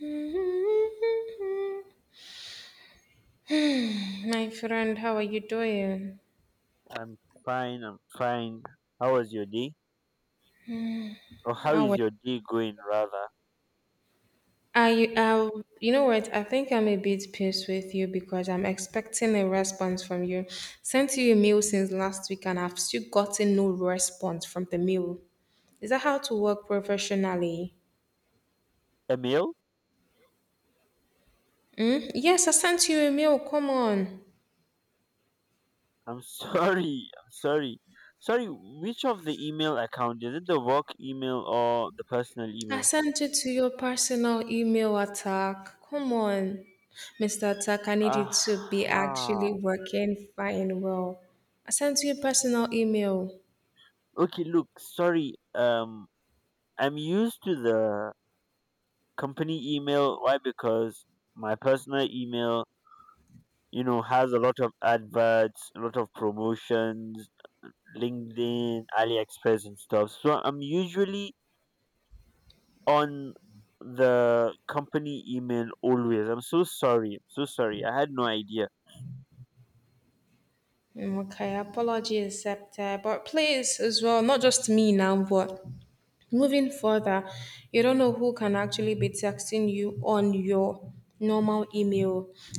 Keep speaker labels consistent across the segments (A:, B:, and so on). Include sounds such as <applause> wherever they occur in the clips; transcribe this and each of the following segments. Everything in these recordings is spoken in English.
A: Mm-hmm. My friend, how are you doing?
B: I'm fine. I'm fine. How was your day? Or how
A: How
B: is
A: are
B: your day going, rather?
A: are you? You know what? I think I'm a bit pissed with you because I'm expecting a response from you. Sent you a mail since last week and I've still gotten no response from the mail. Is that how to work professionally?
B: Emil?
A: Hmm? Yes, I sent you a mail. Come on.
B: I'm sorry. <laughs> I'm sorry. Sorry, which of the email account? Is it the work email or the personal
A: I
B: email?
A: sent it to your personal email attack. Come on, Mr. Attack, I need you
B: Ah.
A: to be actually working fine well. I sent you a personal email.
B: Okay, look, sorry. I'm used to the company email. Why? Because my personal email, you know, has a lot of adverts, a lot of promotions, LinkedIn, AliExpress, and stuff. So I'm usually on the company email always. I'm so sorry. I'm so sorry. I had no idea.
A: Mm, okay, apology accepted. But please, as well, not just me now, but moving further, you don't know who can actually be texting you on your normal email.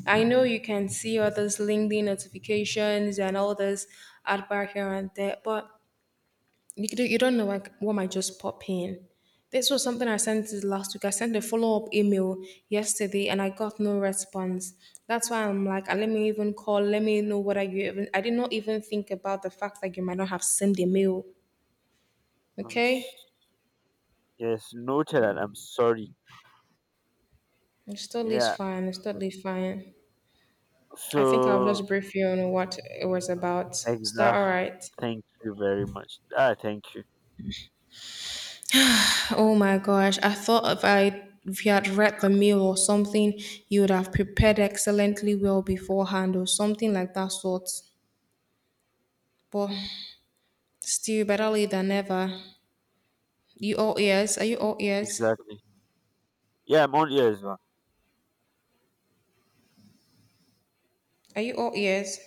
A: I know you can see all those LinkedIn notifications and all those ad bar here and there, but you could, you don't know like what might just pop in. This was something I sent last week. I sent a follow up email yesterday and I got no response. That's why I'm like, let me even call. Let me know whether you even. I did not even think about the fact that you might not have sent the mail.
B: I'm
A: Okay,
B: s- yes, noted and I'm sorry.
A: it's totally
B: Yeah.
A: fine. It's totally fine. I think I'll
B: So
A: just brief you on what it was about. Is that
B: exact.
A: all right?
B: Thank you very much. Ah, thank you.
A: Oh my gosh, I thought if you had read the mail or something, you would have prepared excellently well beforehand or something like that sort. But still better late than never. You all ears? Are you all ears?
B: Exactly. Yeah, I'm all ears, man.
A: Are you all ears?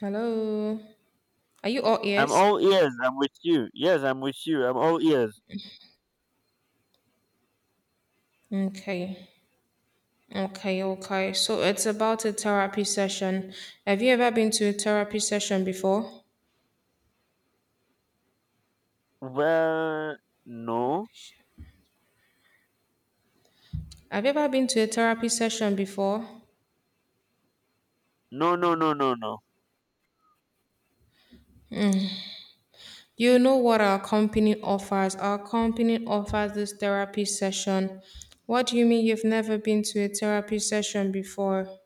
A: Hello? Are you all
B: I'm
A: ears?
B: all ears. I'm with you. Yes, I'm with you. I'm all ears.
A: Okay. Okay, okay. So it's about a therapy session. Have you ever been to a therapy session before?
B: Well, no,
A: Have you ever been to a therapy session before?
B: no, no, no, no, no.
A: You know what our company offers? Our company offers this therapy session. What do you mean you've never been to a therapy session before?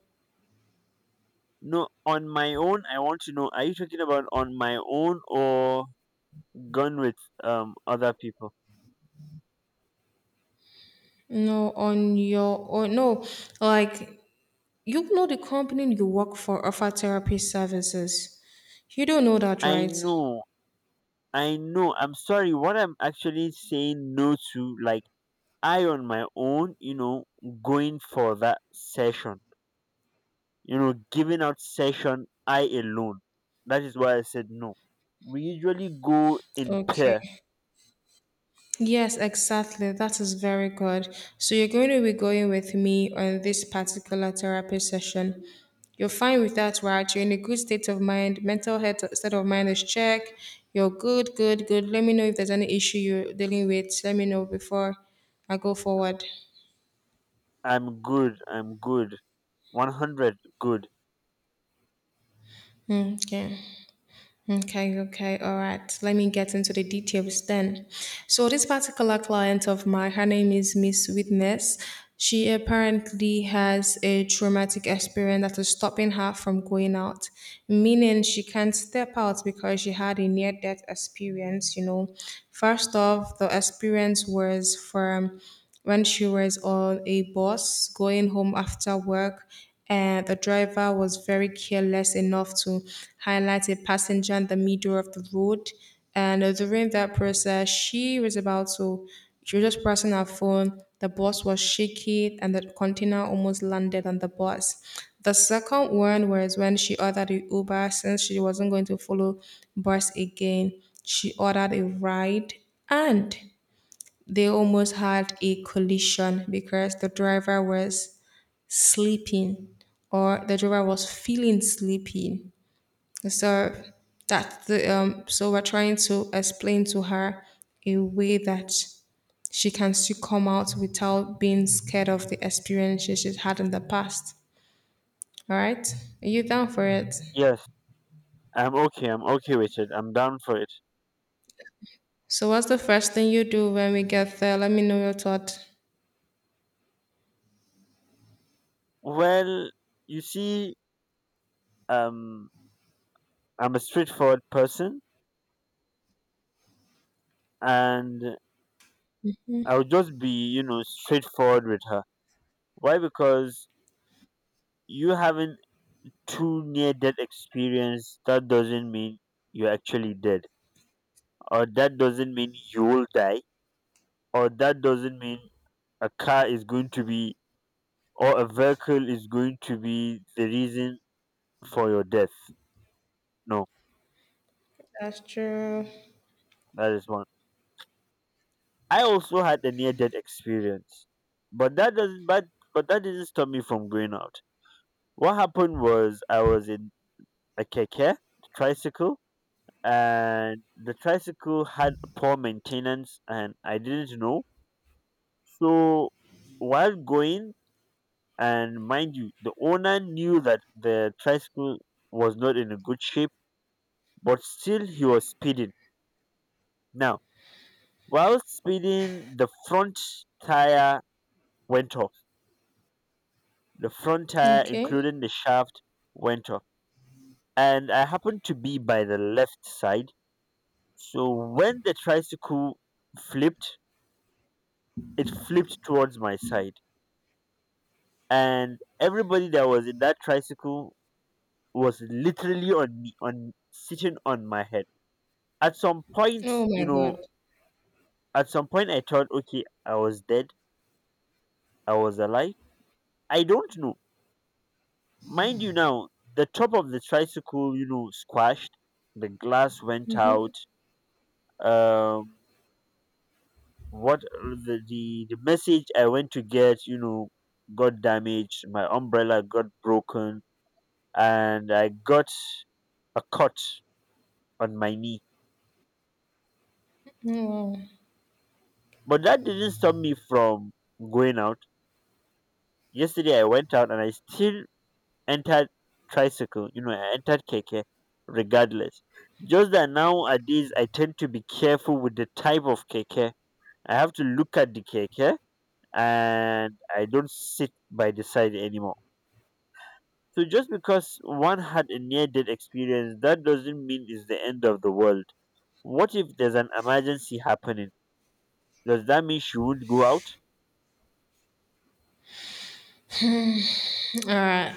B: No, on my own, I want to know. Are you talking about on my own or gone with other people?
A: No, on your or no, like you know the company you work for offer therapy services. You don't know that,
B: I
A: right?
B: know, I know. I'm sorry. What I'm actually saying no to, like I on my own, you know, going for that session, you know, giving out session I alone. That is why I said no. We usually go in pair.
A: Okay. Yes, exactly. That is very good. So you're going to be going with me on this particular therapy session. You're fine with that, right? You're in a good state of mind. Mental health state of mind is checked. You're good, good, good. Let me know if there's any issue you're dealing with. Let me know before I go forward.
B: I'm good. I'm good. 100 good.
A: Mm, okay. Okay, okay, all right. Let me get into the details then. So, this particular client of mine, her name is Miss Witness. She apparently has a traumatic experience that is stopping her from going out, meaning she can't step out because she had a near death experience. First off, the experience was from when she was on a bus going home after work and the driver was very careless enough to highlight a passenger in the middle of the road. And during that process, she was just pressing her phone. The bus was shaky, and the container almost landed on the bus. The second one was when she ordered a Uber since she wasn't going to follow bus again. She ordered a ride, and they almost had a collision because the driver was sleeping or the driver was feeling sleepy. So that the so we're trying to explain to her a way that she can still come out without being scared of the experiences she's had in the past. All right? Are you down for it?
B: Yes, I'm okay. I'm okay with it. I'm down for it.
A: So what's the first thing you do when we get there? Let me know your thought.
B: Well, you see, um, I'm a straightforward person and I would just be, you know, straightforward with her. Why? Because you having two near death experience, that doesn't mean you're actually dead. Or that doesn't mean you will die. Or that doesn't mean a car is going to be or a vehicle is going to be the reason for your death. No,
A: That's true.
B: that is one. I also had a near death experience. But that doesn't but but that didn't stop me from going out. What happened was I was in a keke, tricycle and the tricycle had poor maintenance and I didn't know. So while going, and mind you, the owner knew that the tricycle was not in a good shape, but still he was speeding. Now, while speeding, the front tire went off. The front tire,
A: Okay.
B: including the shaft, went off. And I happened to be by the left side. So when the tricycle flipped, it flipped towards my side and everybody that was in that tricycle was literally on me on sitting on my head at some point,
A: Oh
B: you
A: my
B: know,
A: god.
B: at some point I thought okay I was dead, I was alive, I don't know. Mind you now, the top of the tricycle, you know, squashed, the glass went out, um what the message I went to get, you know, got damaged, my umbrella got broken and I got a cut on my knee.
A: Oh, wow.
B: But that didn't stop me from going out. Yesterday I went out and I still entered tricycle, you know, I entered keke regardless. Just that nowadays I tend to be careful with the type of keke. I have to look at the keke and I don't sit by the side anymore. So just because one had a near death experience, that doesn't mean it's the end of the world. What if there's an emergency happening? Does that mean she won't go out?
A: All right.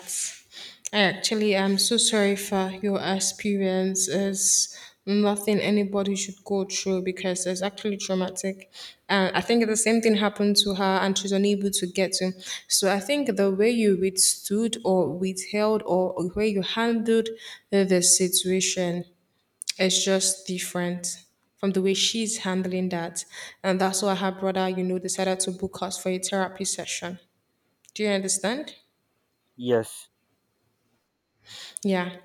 A: Actually, I'm so sorry for your experience. It's nothing anybody should go through because it's actually traumatic. And I think the same thing happened to her and she's unable to get to. So I think the way you withstood or withheld or the way you handled the situation is just different from the way she's handling that. And that's why her brother, decided to book us for a therapy session. Do you understand?
B: Yes,
A: Yeah.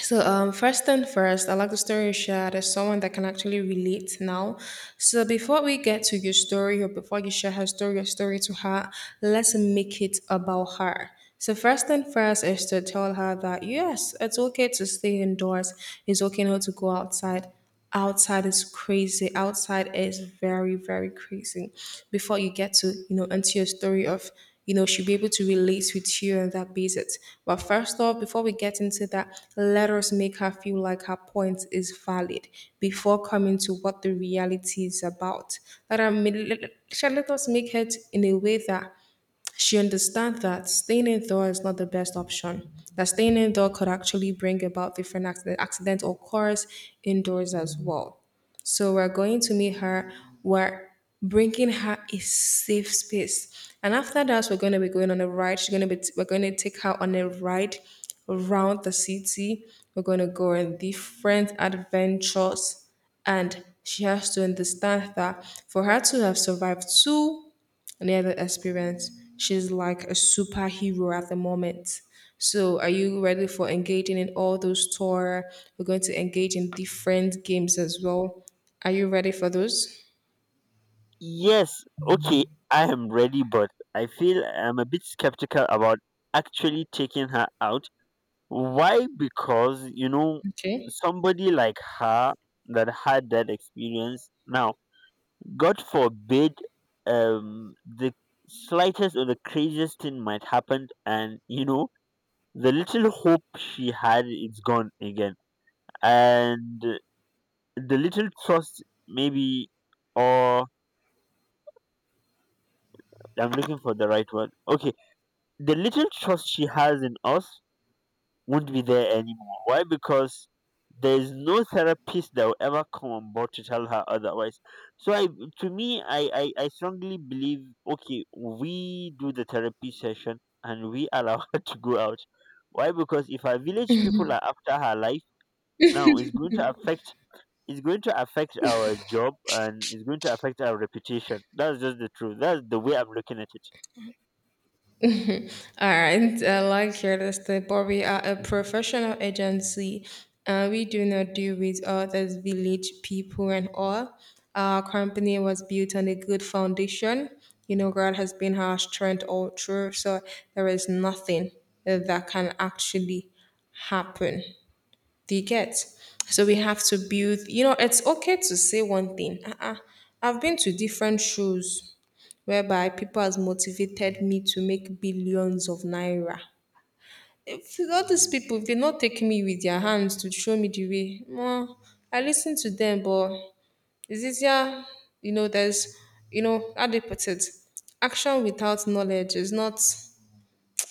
A: So, first and first, I like the story you shared as someone that can actually relate now. So, before we get to your story or before you share her story, your story to her, let's make it about her. So, first and first is to tell her that yes, it's okay to stay indoors, it's okay not to go outside. Outside is crazy. Outside is very, very crazy before you get to into your story of, she'll be able to relate with you on that basis. But first off, before we get into that, let us make her feel like her point is valid, before coming to what the reality is about. Let her let, let shall let us make it in a way that she understands that staying indoor is not the best option, that staying indoor could actually bring about different accidents or cars indoors as well. So we're going to meet her. We're bringing her a safe space. And after that, we're going to be going on a ride. She's going to be, We're going to take her on a ride around the city. We're going to go on different adventures. And she has to understand that for her to have survived two near the experience. She's like a superhero at the moment. So, are you ready for engaging in all those tour? We're going to engage in different games as well. Are you ready for those?
B: yes, okay, I am ready, but I feel I'm a bit skeptical about actually taking her out. Why? Because, you know,
A: Okay.
B: somebody like her that had that experience, now, God forbid, the slightest or the craziest thing might happen, and, you know, the little hope she had is gone again. And the little trust, maybe, or I'm looking for the right word. Okay, the little trust she has in us won't be there anymore. Why? Because there is no therapist that will ever come on board to tell her otherwise. So I, to me, I strongly believe. Okay, we do the therapy session and we allow <laughs> her to go out. Why? Because if our village people are after her life now, it's going to affect. It's going to affect our job and it's going to affect our reputation. That's just the truth. That's the way I'm looking at it.
A: All right, I like your this, but we are a professional agency and we do not deal with others, village people and all. Our company was built on a good foundation. God has been our strength all through, so there is nothing that can actually happen. Do you get? So we have to build, it's okay to say one thing. Uh-uh. I've been to different shows whereby people has motivated me to make billions of naira. If all these people, if they not taking me with their hands to show me the way, well, I listen to them, but it's easier, there's, how they put it, action without knowledge is not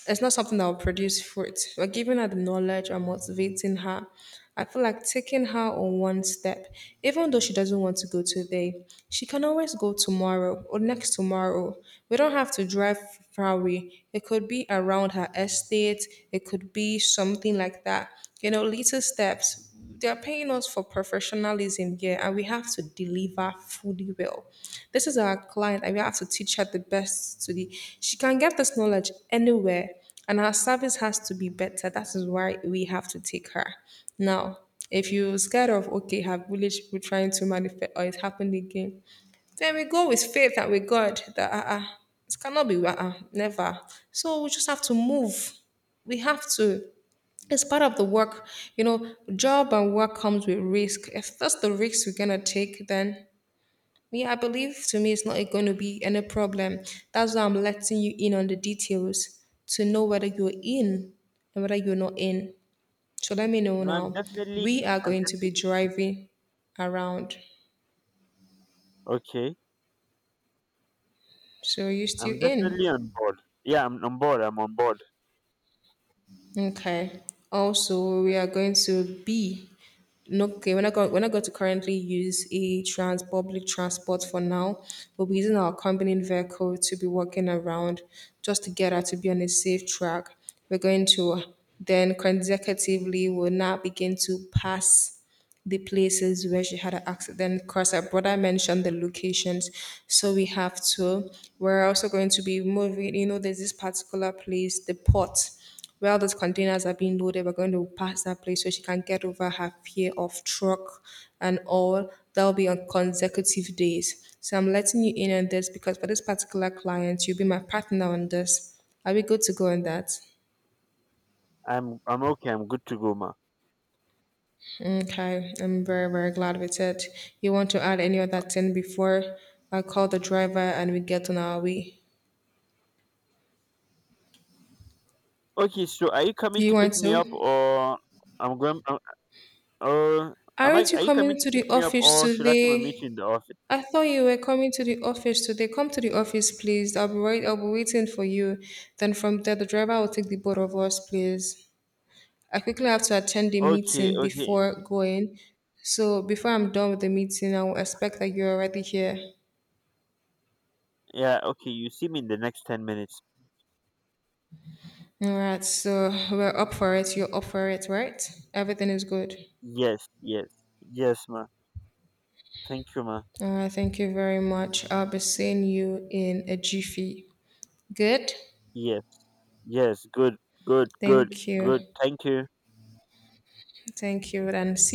A: it's not something that will produce fruit. But giving her the knowledge and motivating her, I feel like taking her on one step, even though she doesn't want to go today, she can always go tomorrow or next tomorrow. We don't have to drive far away. It could be around her estate, it could be something like that. Little steps, they are paying us for professionalism here and we have to deliver fully well. This is our client and we have to teach her the best to the she can get this knowledge anywhere, and our service has to be better. That is why we have to take her now. If you're scared of okay her village people trying to manifest or it happened again, then we go with faith and with god that it cannot be never. So we just have to move. We have to. It's part of the work. Job and work comes with risk. If that's the risk we're gonna take, then yeah, I believe to me it's not going to be any problem. That's why I'm letting you in on the details, to know whether you're in and whether you're not in. So let me know
B: No, I'm
A: now.
B: definitely,
A: We are
B: I'm
A: going to be
B: definitely
A: driving around,
B: okay.
A: so are you still
B: I'm definitely
A: in?
B: on board. Yeah, I'm on board. I'm on board.
A: Okay. Also, we are going to be okay. We're not going to currently use a trans public transport for now. We'll be using our company vehicle to be walking around just to get her to be on a safe track. We're going to then consecutively will now begin to pass the places where she had an accident because her brother mentioned the locations. So we have to. We're also going to be moving, there's this particular place, the port, where all those containers are being loaded. We're going to pass that place so she can get over her fear of truck and all. That'll be on consecutive days. So I'm letting you in on this because for this particular client, you'll be my partner on this. Are we good to go on that?
B: I'm okay. I'm good to go, ma.
A: Okay, I'm very, very glad with it. You want to add any other thing before I call the driver and we get on our way?
B: Okay, so are you
A: Do
B: coming
A: you
B: to pick
A: want
B: me up,
A: to?
B: or I'm going? Uh, am I?
A: Aren't you
B: Are you coming
A: coming
B: to
A: to
B: pick
A: the
B: me up,
A: office
B: or should I come and meet you
A: today?
B: in the office?
A: I thought you were coming to the office today. Come to the office, please. I'll be waiting for you. Then from there, the driver will take the both of us, please. I quickly have to attend the
B: Okay,
A: meeting
B: okay,
A: before going. So before I'm done with the meeting, I will expect that you're already here.
B: yeah, okay. You see me in the next 10 minutes.
A: All right, so we're up for it. You're up for it, right? Everything is good.
B: Yes, yes, yes, ma. Thank you, ma.
A: All right, thank you very much. I'll be seeing you in a jiffy. Good?
B: Yes, yes. Good, good, good,
A: Thank
B: good.
A: you.
B: Thank you.
A: Thank you, and